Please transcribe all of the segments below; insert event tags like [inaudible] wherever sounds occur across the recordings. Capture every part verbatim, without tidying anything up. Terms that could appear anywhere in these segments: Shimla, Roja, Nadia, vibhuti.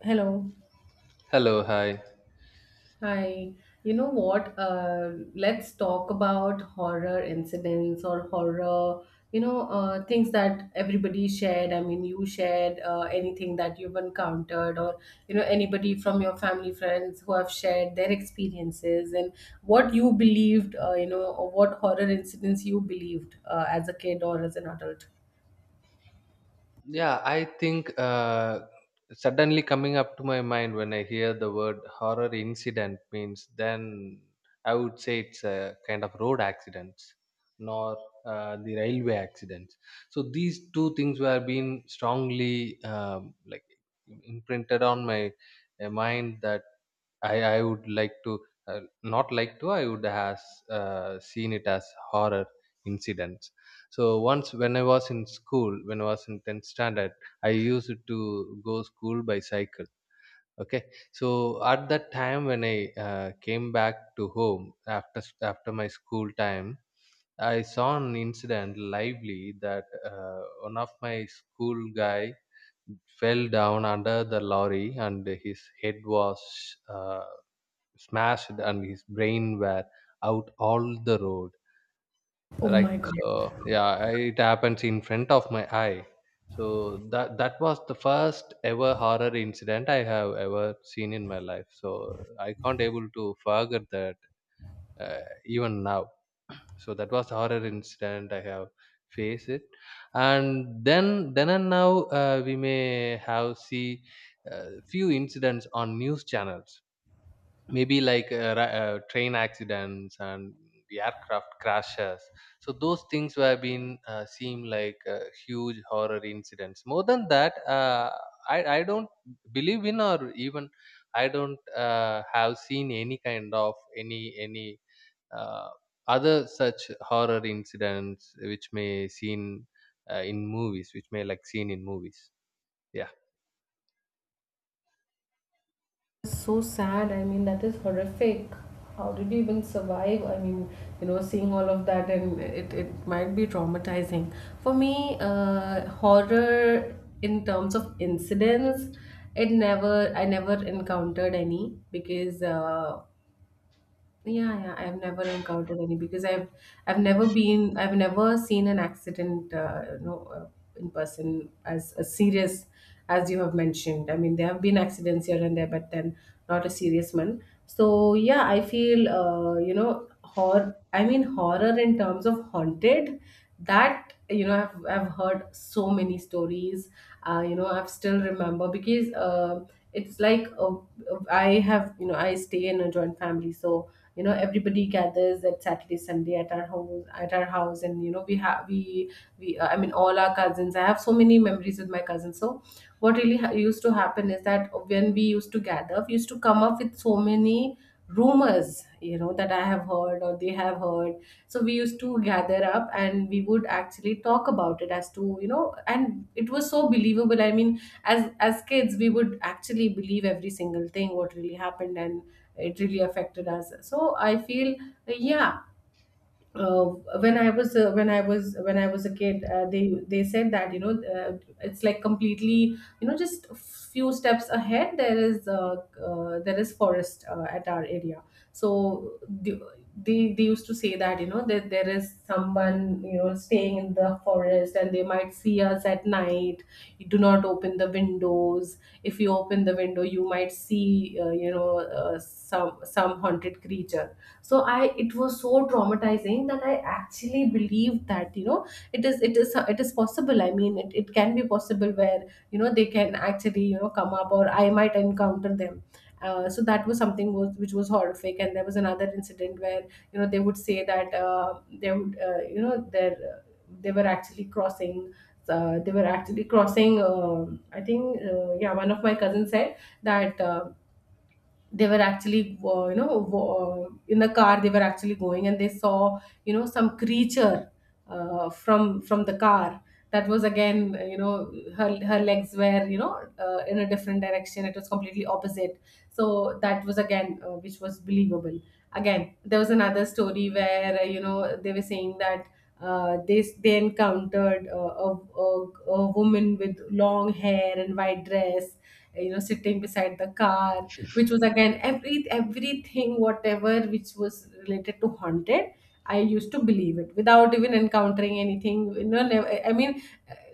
Hello. Hello, hi. Hi, you know what? Uh, let's talk about horror incidents or horror, you know, uh, things that everybody shared. I mean, you shared uh, anything that you've encountered, or, you know, anybody from your family, friends who have shared their experiences and what you believed, uh, you know, or what horror incidents you believed uh, as a kid or as an adult. Yeah, I think uh, suddenly coming up to my mind when I hear the word horror incident means then I would say it's a kind of road accidents, nor uh, the railway accidents. So these two things were being strongly um, like imprinted on my uh, mind that I I would like to uh, not like to. I would has uh, seen it as horror incidents. So once when I was in school, when I was in tenth standard, I used to go school by cycle. Okay, so at that time when I uh, came back to home after after my school time, I saw an incident lively that uh, one of my school guy fell down under the lorry and his head was uh, smashed and his brain were out all the road, Oh right. my God. So yeah, I- it happens in front of my eye. So that that was the first ever horror incident I have ever seen in my life, so I can't able to forget that, uh, even now. So that was the horror incident I have faced it. And then then and now, uh, we may have see uh, few incidents on news channels, maybe like uh, ra- uh, train accidents and the aircraft crashes. So those things have been uh, seem like uh, huge horror incidents. More than that, uh, i i don't believe in, or even I don't uh, have seen any kind of any any uh, other such horror incidents which may seen uh, in movies, which may like seen in movies, yeah. So sad. I mean, that is horrific. How did you even survive? I mean, you know, seeing all of that and it, it might be traumatizing. For me, uh, horror in terms of incidents, it never, I never encountered any because uh, yeah, yeah, I've never encountered any because I've I've never been, I've never seen an accident, uh, you know, uh, in person, as, as serious as you have mentioned. I mean, there have been accidents here and there, but then not a serious one. So yeah, I feel uh, you know horror, I mean horror in terms of haunted. That you know i've, I've heard so many stories, uh, you know I've still remember because uh, it's like uh, I have, you know, I stay in a joint family, so you know everybody gathers at Saturday Sunday at our home, at our house, and you know we have we we uh, I mean all our cousins, I have so many memories with my cousins. So what really ha- used to happen is that when we used to gather, we used to come up with so many rumors, you know, that I have heard or they have heard. So we used to gather up and we would actually talk about it as to, you know, and it was so believable. I mean as as kids we would actually believe every single thing what really happened, and it really affected us. So I feel, yeah, uh, when I was uh, when I was, when I was a kid, uh, they they said that, you know, uh, it's like, completely, you know, just a few steps ahead there is uh, uh, there is forest uh, at our area. So the- they they used to say that, you know, that there is someone, you know, staying in the forest, and they might see us at night. You do not open the windows. If you open the window, you might see, uh, you know uh, some some haunted wild creature. So I, it was so traumatizing that I actually believed that, you know, it is it is it is possible. I mean, it, it can be possible where, you know, they can actually, you know, come up, or I might encounter them. Uh, so that was something was, which was horrific, and there was another incident where, you know, they would say that, uh, they would, uh, you know their, they were actually crossing, uh, they were actually crossing, um I think, uh, yeah, one of my cousins said that, uh, they were actually, uh, you know, wa- uh, in the car, they were actually going, and they saw, you know, some creature uh, from from the car. That was again, uh, you know her, her legs were, you know, uh, in a different direction. It was completely opposite. So that was again uh, which was believable. Again, there was another story where, uh, you know, they were saying that, uh, they they encountered, uh, a, a, a woman with long hair and white dress, you know, sitting beside the car, which was again every, everything whatever which was related to haunted, I used to believe it without even encountering anything, you know. Never, I mean,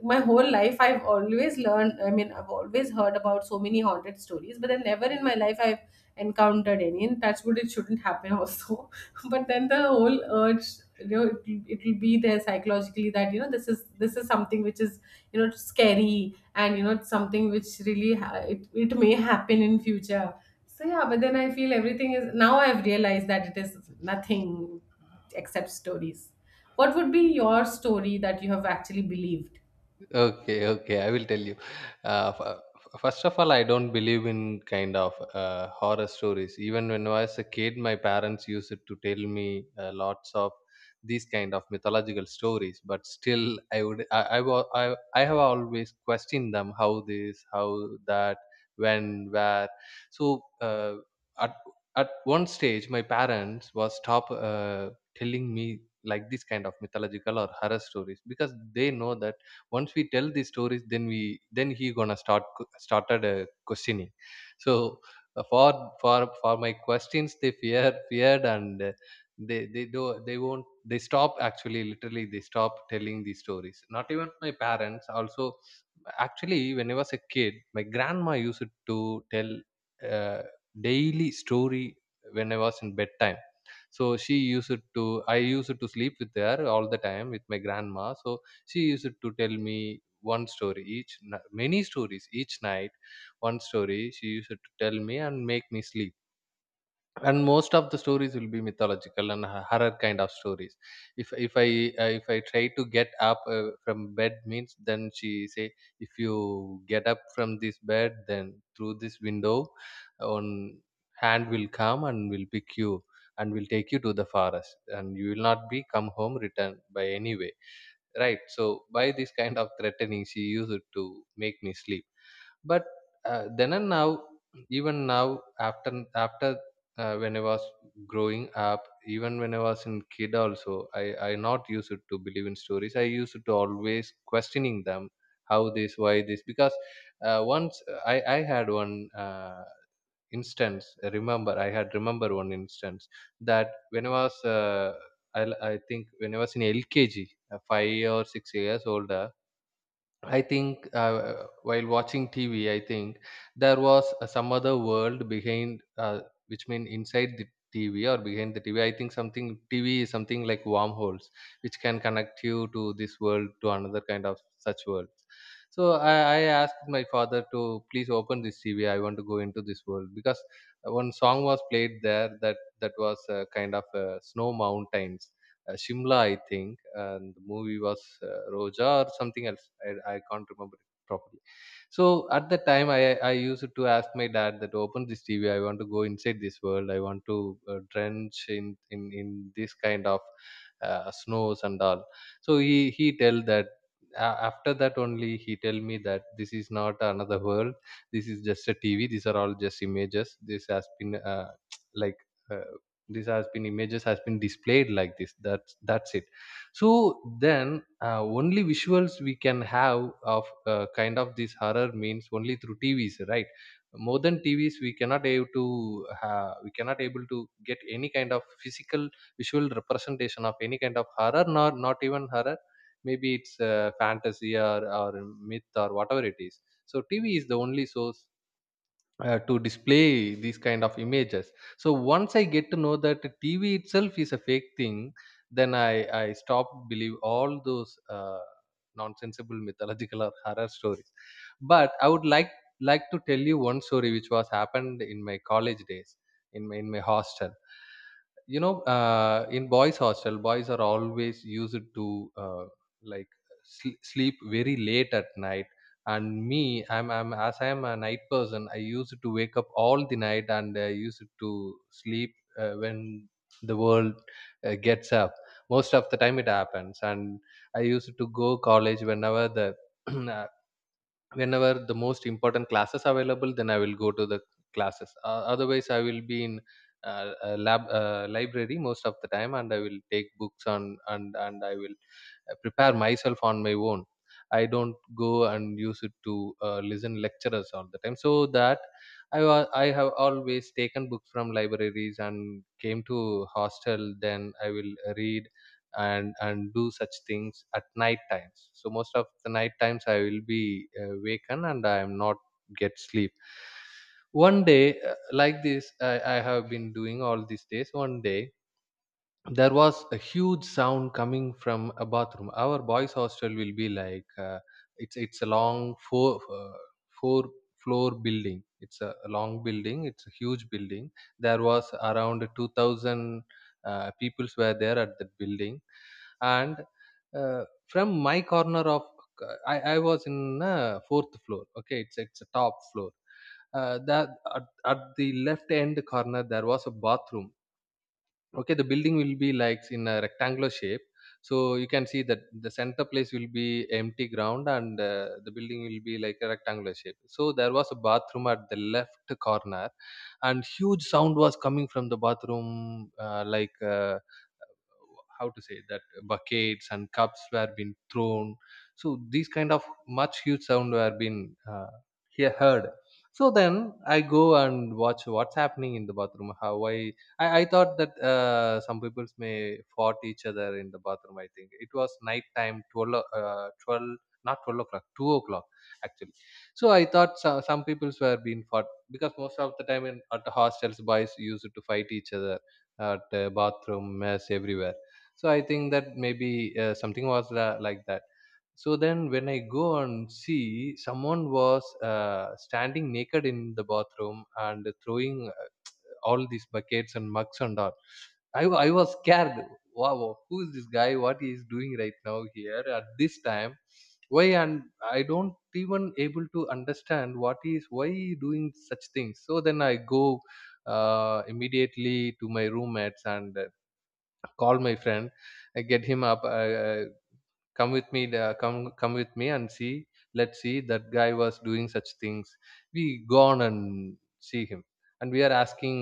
my whole life I've always learned, I mean, I've always heard about so many haunted stories, but then never in my life I've encountered any. And touch wood, it shouldn't happen also. [laughs] But then the whole urge, you know, it'll, it'll be there psychologically, that you know this is, this is something which is, you know, scary, and you know it's something which really ha- it, it may happen in future. So yeah, but then I feel everything is, now I've realized that it is nothing except stories. What would be your story that you have actually believed? Okay, okay. I will tell you. Uh, f- f- First of all, I don't believe in kind of uh, horror stories. Even when I was a kid, my parents used it to tell me uh, lots of these kind of mythological stories. But still, I would I I, wa- I I have always questioned them. How this? How that? When? Where? So uh, at at one stage, my parents was stop uh, telling me like this kind of mythological or horror stories, because they know that once we tell these stories then we then he gonna start started uh, questioning. So uh, for for for my questions they fear feared and uh, they they do they won't they stop, actually literally they stop telling these stories, not even my parents also. Actually when I was a kid, my grandma used to tell uh, daily story when I was in bedtime. So she used to, I used to sleep with her all the time with my grandma, so she used to tell me one story each n- many stories each night. One story she used to tell me and make me sleep, and most of the stories will be mythological and ho- horror kind of stories. If if i uh, if i try to get up uh, from bed means then she say, if you get up from this bed then through this window, on hand will come and will pick you and will take you to the forest, and you will not be come home return by any way, right. So by this kind of threatening she used it to make me sleep. But uh, then and now, even now, after after uh, when I was growing up, even when I was in kid also, i i not used it to believe in stories. I used to always questioning them. How this? Why this? Because uh, once, uh, i i had one uh, instance, uh, remember I had remember one instance, that when I was uh, I, I think when I was in LKG, uh, five or six years old, I think. Uh, while watching T V, I think there was uh, some other world behind, uh, which mean inside the T V or behind the T V. I think something, T V is something like wormholes, which can connect you to this world to another kind of such world. So I, I asked my father to please open this T V. I want to go into this world, because one song was played there, that that was uh, kind of uh, snow mountains, uh, Shimla, I think, and the movie was uh, Roja or something else. I, I can't remember it properly. So at that time, I I used to ask my dad that open this T V. I want to go inside this world. I want to uh, drench in in in this kind of uh, snows and all. So he he tell that. a- After that only he tell me that this is not another world. This is just a T V. These are all just images. This has been uh, [tsk] like uh, this has been, images has been displayed like this, that's that's it. So then, uh, only visuals we can have of uh, kind of this horror means, only through TVs, right. More than TVs we cannot able to uh, we cannot able to get any kind of physical visual representation of any kind of horror, nor not even horror, maybe it's uh, fantasy, or, or myth, or whatever it is. So TV is the only source, uh, to display these kind of images. So once I get to know that TV itself is a fake thing, then i i stopped believe all those uh, nonsensible mythological or horror stories. But I would like like to tell you one story which was happened in my college days, in my, in my hostel. You know, uh, in boys hostel, boys are always used to uh, like sl- sleep very late at night. And me, i'm i'm as I am a night person, I used to wake up all the night, and I used to sleep uh, when the world uh, gets up. Most of the time it happens, and I used to go college whenever the [clears throat] whenever the most important classes available, then I will go to the classes, uh, otherwise I will be in uh, a lab uh, library most of the time, and I will take books on, and and I will uh, prepare myself on my own. I don't go and use it to uh, listen lecturers all the time. So that, i wa- I have always taken books from libraries and came to hostel, then I will read and and do such things at night times. So most of the night times I will be uh, waken, and I am not get sleep. One day uh, like this, I, I have been doing all these days. One day there was a huge sound coming from a bathroom. Our boys hostel will be like, uh, it's it's a long four uh, four floor building. It's a, a long building, it's a huge building. There was around two thousand uh, peoples were there at that building. And uh, from my corner of I, I was in uh, fourth floor. Okay, it's it's a top floor. Uh, that at, at the left end corner there was a bathroom. Okay, the building will be like in a rectangular shape. So you can see that the center place will be empty ground, and uh, the building will be like a rectangular shape. So there was a bathroom at the left corner, and huge sound was coming from the bathroom, uh, like. Uh, how to say that, uh, buckets and cups were being thrown. So these kind of much huge sound were being uh, he- heard. So then I go and watch what's happening in the bathroom. how i i, I thought that, uh, some people may fought each other in the bathroom. I think it was night time, twelve o- uh, twelve not twelve o'clock, two o'clock, actually. So I thought so, some people were being fought, because most of the time in, at the hostels, boys used to fight each other, at uh, bathroom, mess, everywhere. So I think that maybe uh, something was la- like that. So then when I go and see, someone was uh, standing naked in the bathroom and throwing uh, all these buckets and mugs and all. i, wa- I was scared. Wow, wow, who is this guy, what he is doing right now here at this time, why? And I don't even able to understand what is, why he doing such things. So then I go uh, immediately to my roommates and call my friend. I get him up. I, come with me, uh, come come with me and see, let's see that guy was doing such things. We go on and see him, and we are asking,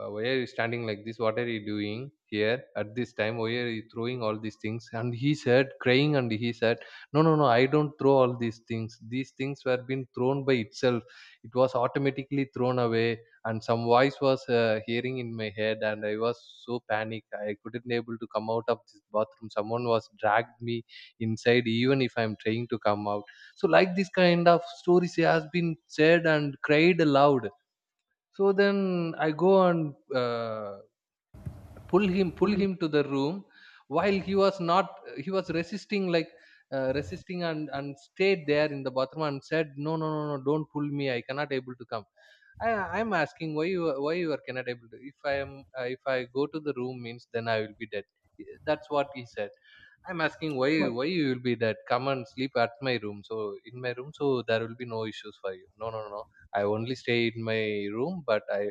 uh, why are you standing like this? What are you doing here at this time? Why are you throwing all these things? And he said crying, and he said, no, no, no, I don't throw all these things, these things were being thrown by itself. It was automatically thrown away. And some voice was uh, hearing in my head, and I was so panicked, I couldn't able to come out of this bathroom. Someone was dragged me inside even if I'm trying to come out. So like this kind of stories has been said and cried aloud. So then I go and uh, pull him, pull him to the room while he was not, he was resisting like uh, resisting and and stayed there in the bathroom and said no no no no, don't pull me, I cannot able to come. I I'm asking why you, why you are cannot able to. If I am uh, if I go to the room means, then I will be dead. That's what he said. I'm asking why What? why you will be dead. Come and sleep at my room. So in my room, so there will be no issues for you. No no no. no. I only stay in my room, but I,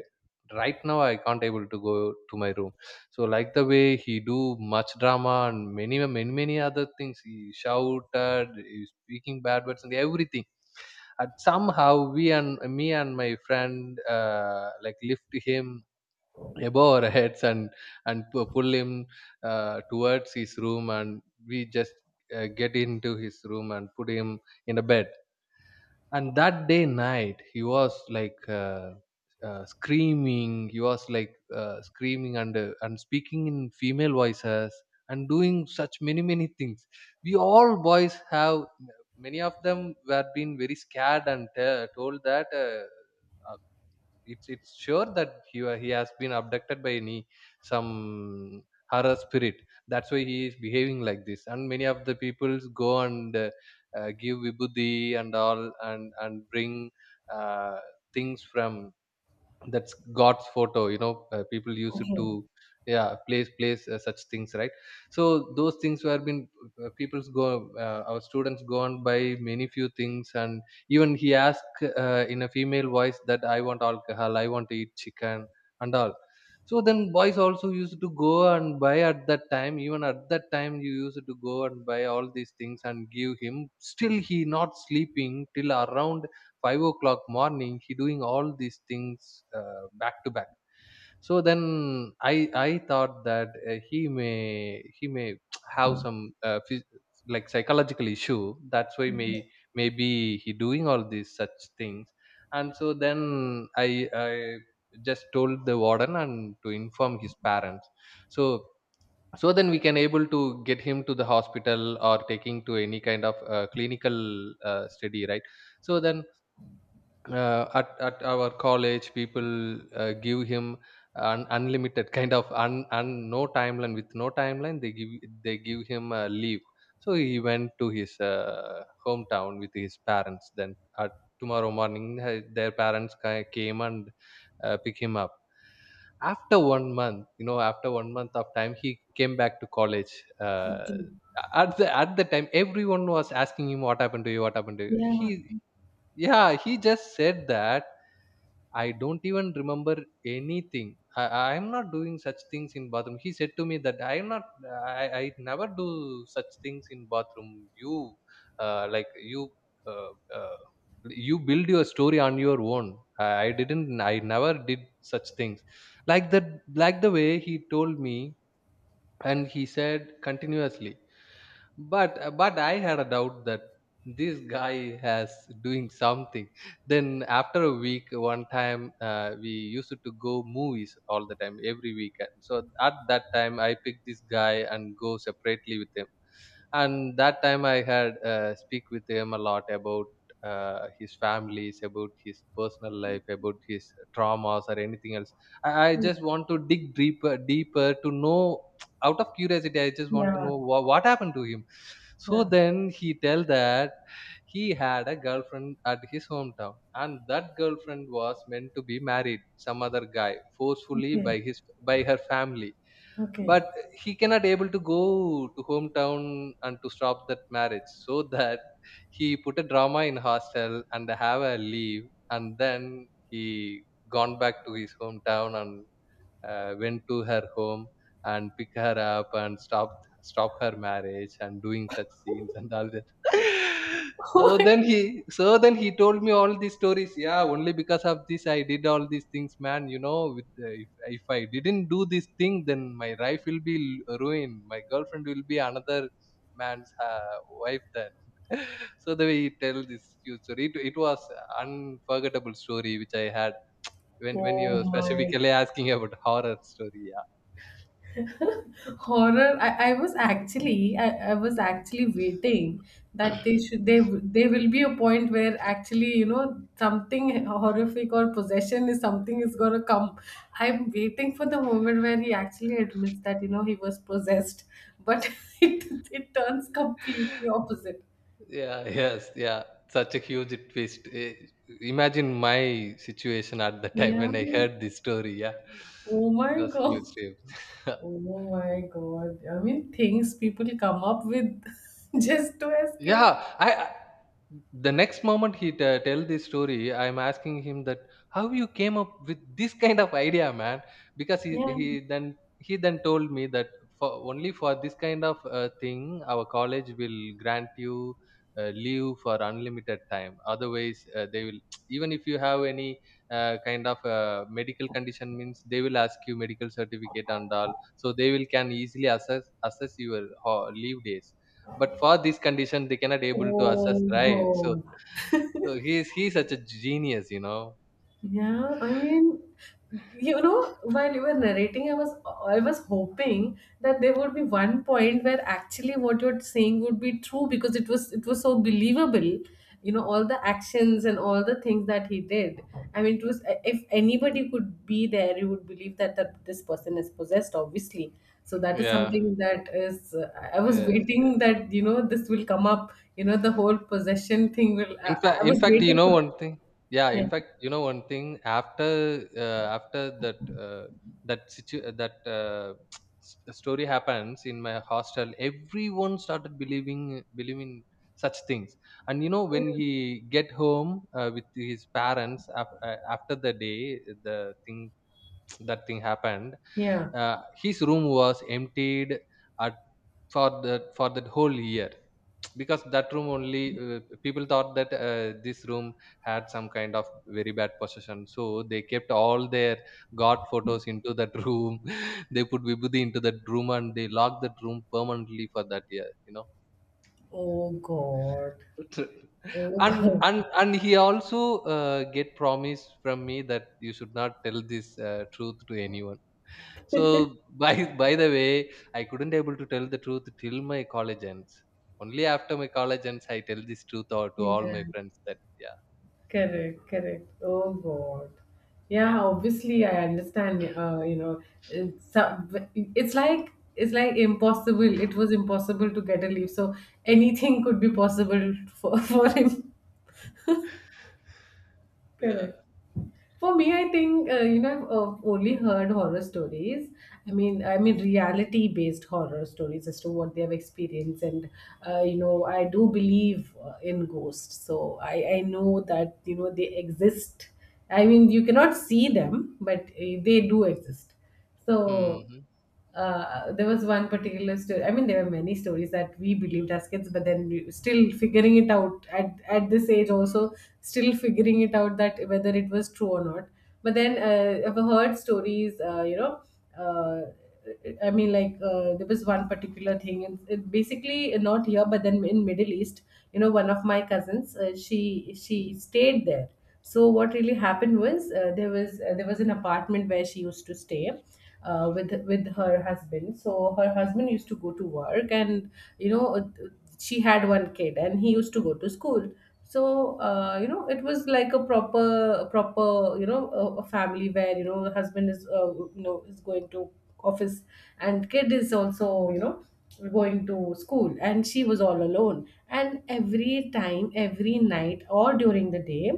right now I can't able to go to my room. So like the way he do much drama and many many many other things. He shouted, he speaking bad words and everything, and somehow we, and me and my friend, uh, like lift him above our heads and and pu- pull him uh, towards his room, and we just uh, get into his room and put him in a bed. And that day night he was like uh, uh, screaming, he was like uh, screaming and uh, and speaking in female voices and doing such many many things. We all boys have, many of them were being very scared and uh, told that uh, uh, it's it's sure that he wa- he has been abducted by any, some horror spirit. That's why he is behaving like this. And many of the peoples go and uh, uh, give vibhuti and all, and and bring uh, things from, that's god's photo you know, uh, people used it Okay, to, yeah, place place uh, such things, right. So those things were been, uh, people's go, uh, our students go on by many few things. And even he asked uh, in a female voice that I want alcohol, I want to eat chicken and all. So then boys also used to go and buy at that time, even at that time you used to go and buy all these things and give him. Still he not sleeping till around five o'clock morning, he doing all these things uh, back to back. So then i i thought that uh, he may, he may have some uh, phys- like psychological issue. That's why, may maybe he doing all these such things. And so then i i just told the warden and to inform his parents, so so then we can able to get him to the hospital or taking to any kind of uh, clinical uh, study, right. So then uh, at at our college people uh, give him an unlimited [laughs] kind of un, un no timeline, with no timeline they give, they give him a leave. So he went to his uh, hometown with his parents. Then at tomorrow morning uh, their parents ca- came and uh, pick him up. After one month, you know, after one month of time he came back to college. uh, okay. At the, at the time everyone was asking him, what happened to you, what happened to you? He, Yeah, yeah, he just said that I don't even remember anything. I i am not doing such things in bathroom. He said to me that I am not, i, I never do such things in bathroom. You uh, like you uh, uh, you build your story on your own. I, I didn't, I never did such things like that, like the way he told me. And he said continuously, but uh, but I had a doubt that this guy has doing something. Then after a week, one time uh, we used to go movies all the time every weekend. So at that time I picked this guy and go separately with him. And that time I had uh, speak with him a lot about uh, his families, about his personal life, about his traumas or anything else. I, I just want to dig deeper, deeper to know. [tsk] Out of curiosity I just want yeah, to know wha- what happened to him. So yeah. then he tell that he had a girlfriend at his hometown, and that girlfriend was meant to be married some other guy forcefully Okay, by his, by her family. okay. But he cannot able to go to hometown and to stop that marriage, so that he put a drama in hostel and have a leave. And then he gone back to his hometown and uh, went to her home and pick her up and stopped stop her marriage and doing such scenes [laughs] and all that. [laughs] So [laughs] then he, so then he told me all these stories. Yeah, only because of this I did all these things, man, you know. With uh, if, if I didn't do this thing then my life will be l- ruined, my girlfriend will be another man's uh, wife then. So the way he tell this huge story, it, it was unforgettable story which I had. when when you Oh my, specifically asking about horror story, yeah. horror. I, I was actually, I, I was actually waiting that they should, they w- there will be a point where actually, you know, something horrific or possession is something is gonna come. I'm waiting for the moment where he actually admits that, you know, he was possessed. But [laughs] it it turns completely opposite. Yeah, yes, yeah. Such a huge twist. Eh, Imagine my situation at the time Yeah. when I heard this story. Yeah, Oh it my was a god. huge twist. [laughs] Oh my god, I mean things people come up with [laughs] just to Yeah, escape. I I- the next moment he t- tell this story, I'm asking him that how you came up with this kind of idea, man? Because he Yeah. he then he then told me that for only for this kind of uh, thing, our college will grant you uh, leave for unlimited time. Otherwise, uh, they will [tsk] even if you have any uh, kind of uh, medical condition means, they will ask you medical certificate and all. So they will can easily assess assess your ho- leave days, but for this condition, they cannot able to assess, Oh right? So, god. so he's he's such a genius, you know. Yeah, I mean, you know, while you were narrating, I was, I was hoping that there would be one point where actually what you're saying would be true, because it was, it was so believable. You know, all the actions and all the things that he did. I mean, it was eh, if anybody could be there, you would believe that that this person is possessed, obviously. So that is Yeah. something that is uh, I was Yes. waiting Yes. that, you know, this will come up. You know, the whole possession thing will. I, In I fact, I in was fact, you waiting know for that. one thing. Yeah. Yeah, In fact, you know one thing. After uh, after that uh, that situ- uh, that uh, [tsk] s- story happens in my hostel, everyone started believing believing such things. And you know when he get home uh, with his parents, af- uh, after the day the thing, that thing happened, yeah. uh, his room was emptied at, for the, for that whole year. Because that room only, uh, people thought that uh, this room had some kind of very bad possession, so they kept all their god photos into that room [laughs] they put vibhuti into that room, and they locked that room permanently for that year, you know. Oh God. [laughs] Oh [laughs] and God. and and he also uh, get promise from me that you should not tell this uh, truth to anyone. So by [laughs] by the way, I couldn't able to tell the truth till my college ends. Only after my college ends, I tell this truth or to all my Yeah. friends. Then yeah, Correct. Correct. Oh God. Yeah. Obviously, I understand. Uh, you know, it's, some. It's like, it's like impossible. It was impossible to get a leave, so anything could be possible for [laughs] for him. yeah. Correct. For me, I think, uh, you know I've, uh, only heard horror stories. I mean, I mean, reality-based horror stories as to what they have experienced. And, uh, you know, I do believe, uh, in ghosts, so I I know that, you know, they exist. I mean, you cannot see them, but uh, they do exist. Hmm. So, Hmm, uh, there was one particular story. I mean, there were many stories that we believed as kids, but then we still figuring it out at, at this age, also still figuring it out that whether it was true or not. But then, uh, I've heard stories, uh, you know, uh, I mean, like uh, there was one particular thing, and it basically not here, but then in Middle East, you know, one of my cousins, uh, she she stayed there. So what really happened was, uh, there was uh, there was an apartment where she used to stay, uh, with with her husband. So her husband used to go to work, and you know uh, she had one kid, and he used to go to school. So, uh, you know it was like a proper, a proper you know, a, a family where, you know, the husband is, uh, you know is going to office, and kid is also, you know, going to school, and she was all alone, and every time, every night or during the day,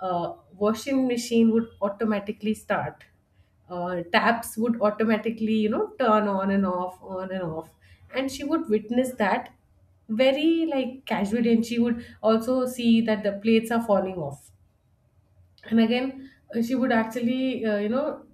uh, washing machine would automatically start, uh, taps would automatically, you know, turn on and off, on and off, and she would witness that very like casually. And she would also see that the plates are falling off, and again, uh, she would actually, uh, you know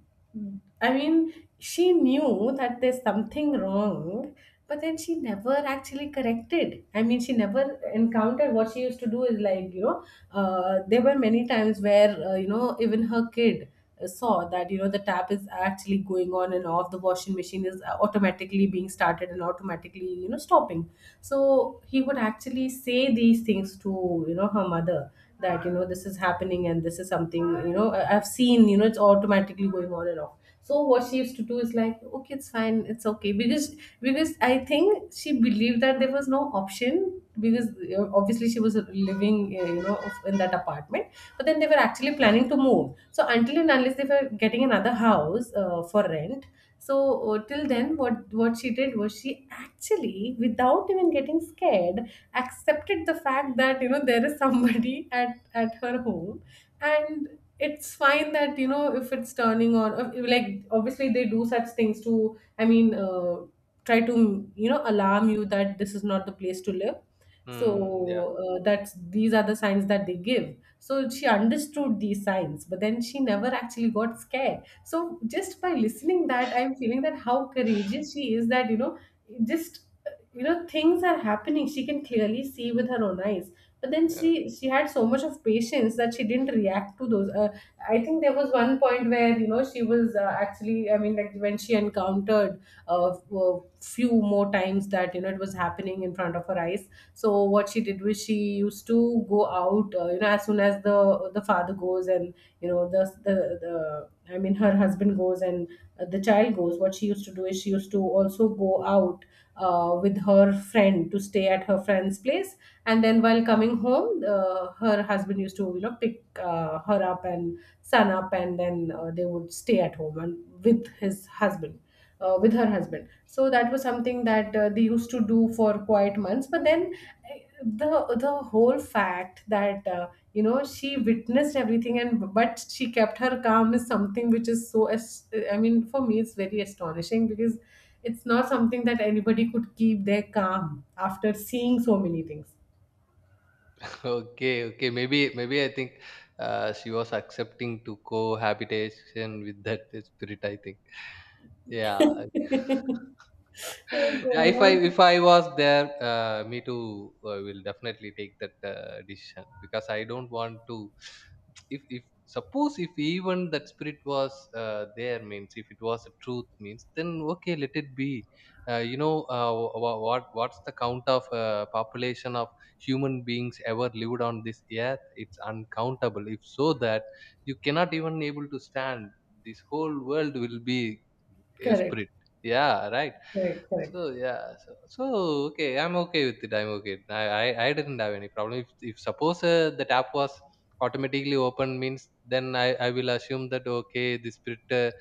I mean, she knew that there's something wrong, but then she never actually corrected, I mean, she never encountered. What she used to do is like, you know, uh, there were many times where, uh, you know, even her kid, uh, saw that, you know, the tap is actually going on and off, the washing machine is, uh, automatically being started and automatically, you know, stopping. So he would actually say these things to, you know, her mother, that, you know, this is happening, and this is something, you know, I- I've seen, you know, it's automatically going on and off. So what she used to do is like, okay, it's fine, it's okay. Because because I think she believed that there was no option, because, uh, obviously, she was living, uh, you know of- in that apartment. But then they were actually planning to move. So until and unless they were getting another house, uh, for rent, so, uh, till then, what what she did was, she actually, without even getting scared, accepted the fact that, you know, there is somebody [laughs] at at her home. And it's fine that, you know, if it's turning on, uh, like obviously they do such things to, I mean, uh, try to, you know, alarm yeah. you that this is not the place to live. Mm, yeah. So, uh, that's, these are the signs that they give. So she understood these signs, but then she never actually got scared. So just by listening that, I'm feeling that how courageous she is, that, you know, just, you know, things are happening, she can clearly see with her own eyes. But then [laughs] she she had so much of patience that she didn't react to those. Uh, I think there was one point where you know she was uh, actually I mean like when she encountered a, a few more times that you know it was happening in front of her eyes, so what she did was she used to go out, uh, you know, as soon as the the father goes and you know the the, the I mean her husband goes and uh, the child goes. What she used to do is she used to also go out uh, with her friend to stay at her friend's place, and then while coming home, uh, her husband used to, you know, pick uh, her up and son up, and then uh, they would stay at home and with his husband uh, with her husband. So that was something that uh, they used to do for quite months. But then eh, the the whole fact that, uh, you know, she witnessed everything and but she kept her calm is something which is so as- I mean, for me, it's very astonishing, because it's not something that anybody could keep their calm after seeing so many things. Okay, okay. Maybe, maybe I think uh, she was accepting to cohabitation with that spirit, I think. [laughs] Yeah. [laughs] Oh Yeah, if I, God. if I was there, uh, me too uh, will definitely take that uh, decision because I don't want to. If if suppose if even that spirit was uh, there means, if it was a truth means, then okay, let it be. Uh, you know uh, wha- what, what's the count of uh, population of human beings ever lived on this earth? It's uncountable. If so that you cannot even able to stand, this whole world will be a Correct. spirit. Yeah, right. Correct. Correct. So yeah, so, so okay, I'm okay with it. I'm okay. I I, I didn't have any problem. If if suppose uh, the tap was automatically open means, then I, I will assume that okay, the spirit uh,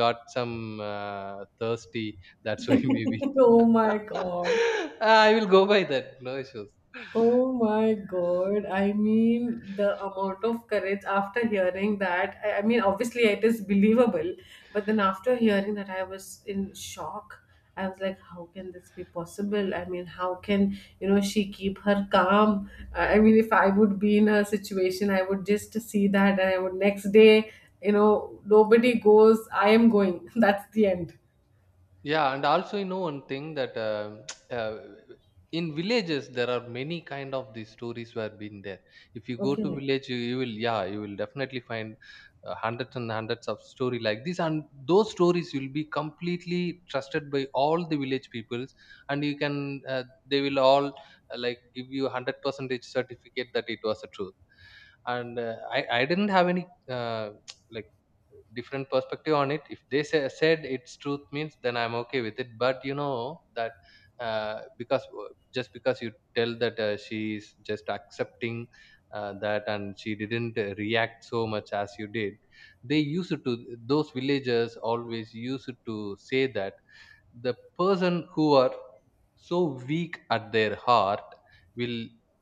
got some uh, thirsty, that's why [laughs] maybe. [laughs] Oh my God. [laughs] I will go by that, no issues. Oh my God. I mean, the amount of courage after hearing that. I, I mean, obviously, it is believable, but then after hearing that, I was in shock. I was like, how can this be possible? I mean, how can, you know, she keep her calm? I I mean, if I would be in her situation, I would just see that, and I would, next day, you know, nobody goes, I am going. [laughs] That's the end. Yeah, and also you know one thing that um [tsk] uh, in villages there are many kind of these stories were been there. If you go to Okay. village, you, you will, yeah, you will definitely find uh, hundreds and hundreds of story like this, and those stories will be completely trusted by all the village peoples. And you can uh, they will all uh, like give you hundred percentage certificate that it was a truth. And uh, I I didn't have any uh, [tsk] like different perspective on it. If they say, said it's truth means, then I'm okay with it. But you know that uh, because uh, just because you tell that uh, she is just accepting uh, that, and she didn't uh, react so much as you did, they used to, those villagers always used to say that the person who are so weak at their heart will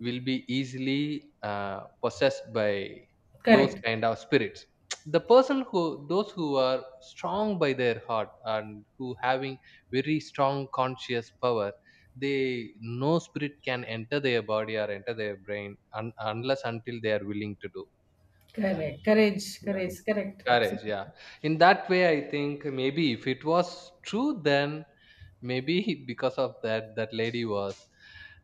will be easily uh, possessed by those Correct. kind of spirits. [tsk] The person who, those who are strong by their heart and who having very strong conscious power, they, no spirit can enter their body or enter their brain un- unless until they are willing to do. Yeah, Correct. so, Courage. yeah. Courage. Correct. Courage, Absolutely. yeah. In that way, I think maybe if it was true, then maybe [laughs] because of that, that lady was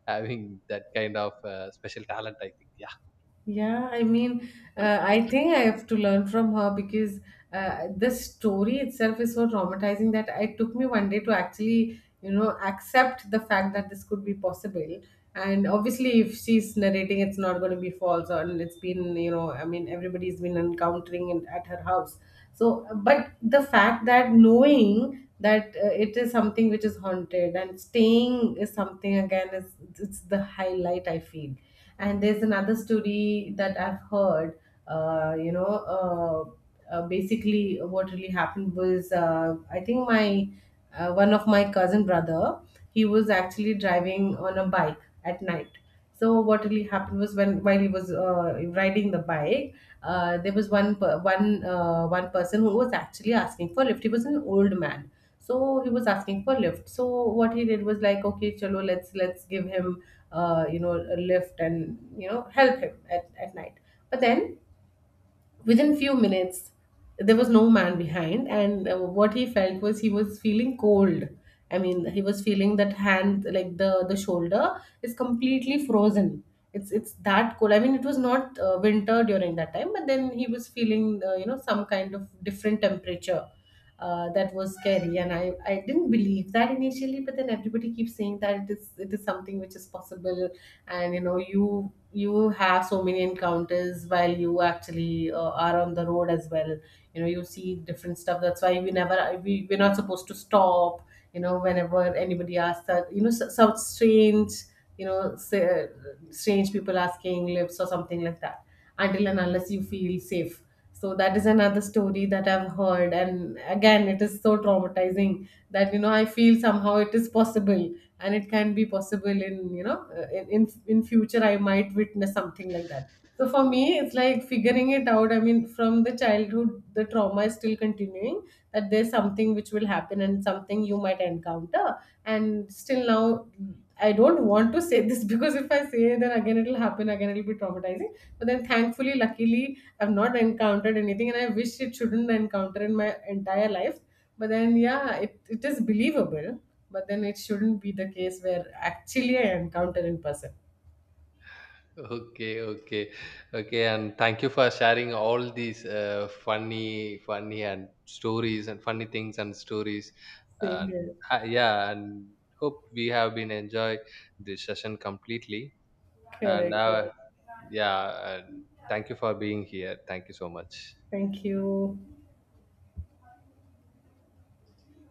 having that kind of uh, special talent, I think, yeah. [laughs] Yeah, I mean, uh, I think I have to learn from her, because uh, the story itself is so traumatizing that it took me one day to actually, you know, accept the fact that this could be possible. And obviously, if she's narrating, it's not going to be false, or, and it's been, you know, I mean, everybody's been encountering it at her house. So, but the fact that, knowing that uh, it is something which is haunted and staying, is something, again, is it's the highlight I feel, and there's another story that I've heard. Uh, you know, uh, uh, basically, what really happened was, uh, I think, my uh, one of my cousin brother, he was actually driving on a bike at night. So what really happened was, when while he was uh, riding the bike, uh, there was one per- one uh, one person who was actually asking for lift. He was an old man. So he was asking for lift. So what he did was like, okay, chalo, let's let's give him, uh, you know, a lift, and you know, help him at, at night. But then within few minutes, there was no man behind, and uh, what he felt was, he was feeling cold. I mean, he was feeling that hand, like the the shoulder, is completely frozen. It's it's that cold. I mean, it was not uh, winter during that time, but then he was feeling uh, you know, some kind of different temperature uh, that was scary. And I, I didn't believe that initially, but then everybody keeps saying that it is it is something which is possible. And you know, you you have so many encounters while you actually uh, are on the road as well. You know, you see different stuff. That's why we never we, we're not supposed to stop, you know, whenever anybody asks that, you know, so, so strange, you know, say, uh, strange people asking lips or something like that, until and unless you feel safe. So that is another story that I've heard, and again, it is so traumatizing that, you know, I feel somehow it is possible, and it can be possible. In you know uh, in in, in future, I might witness something like that. So for me, it's like figuring it out. I mean, from the childhood, the trauma is still continuing, that there's something which will happen and something you might encounter. And still now, I don't want to say this [laughs] because if I say, then again it'll happen, again it'll be traumatizing. But then thankfully, luckily, I've not encountered anything, and I wish it shouldn't encounter in my entire life. But then yeah, it, it is believable. But then it shouldn't be the case where actually I encounter in person. Okay, okay, okay. And thank you for sharing all these uh, funny, funny and stories and funny things and stories. Same And here. uh, yeah, and hope we have been enjoy this session completely. And Correct. Uh, correct. yeah, and thank you for being here. Thank you so much. Thank you.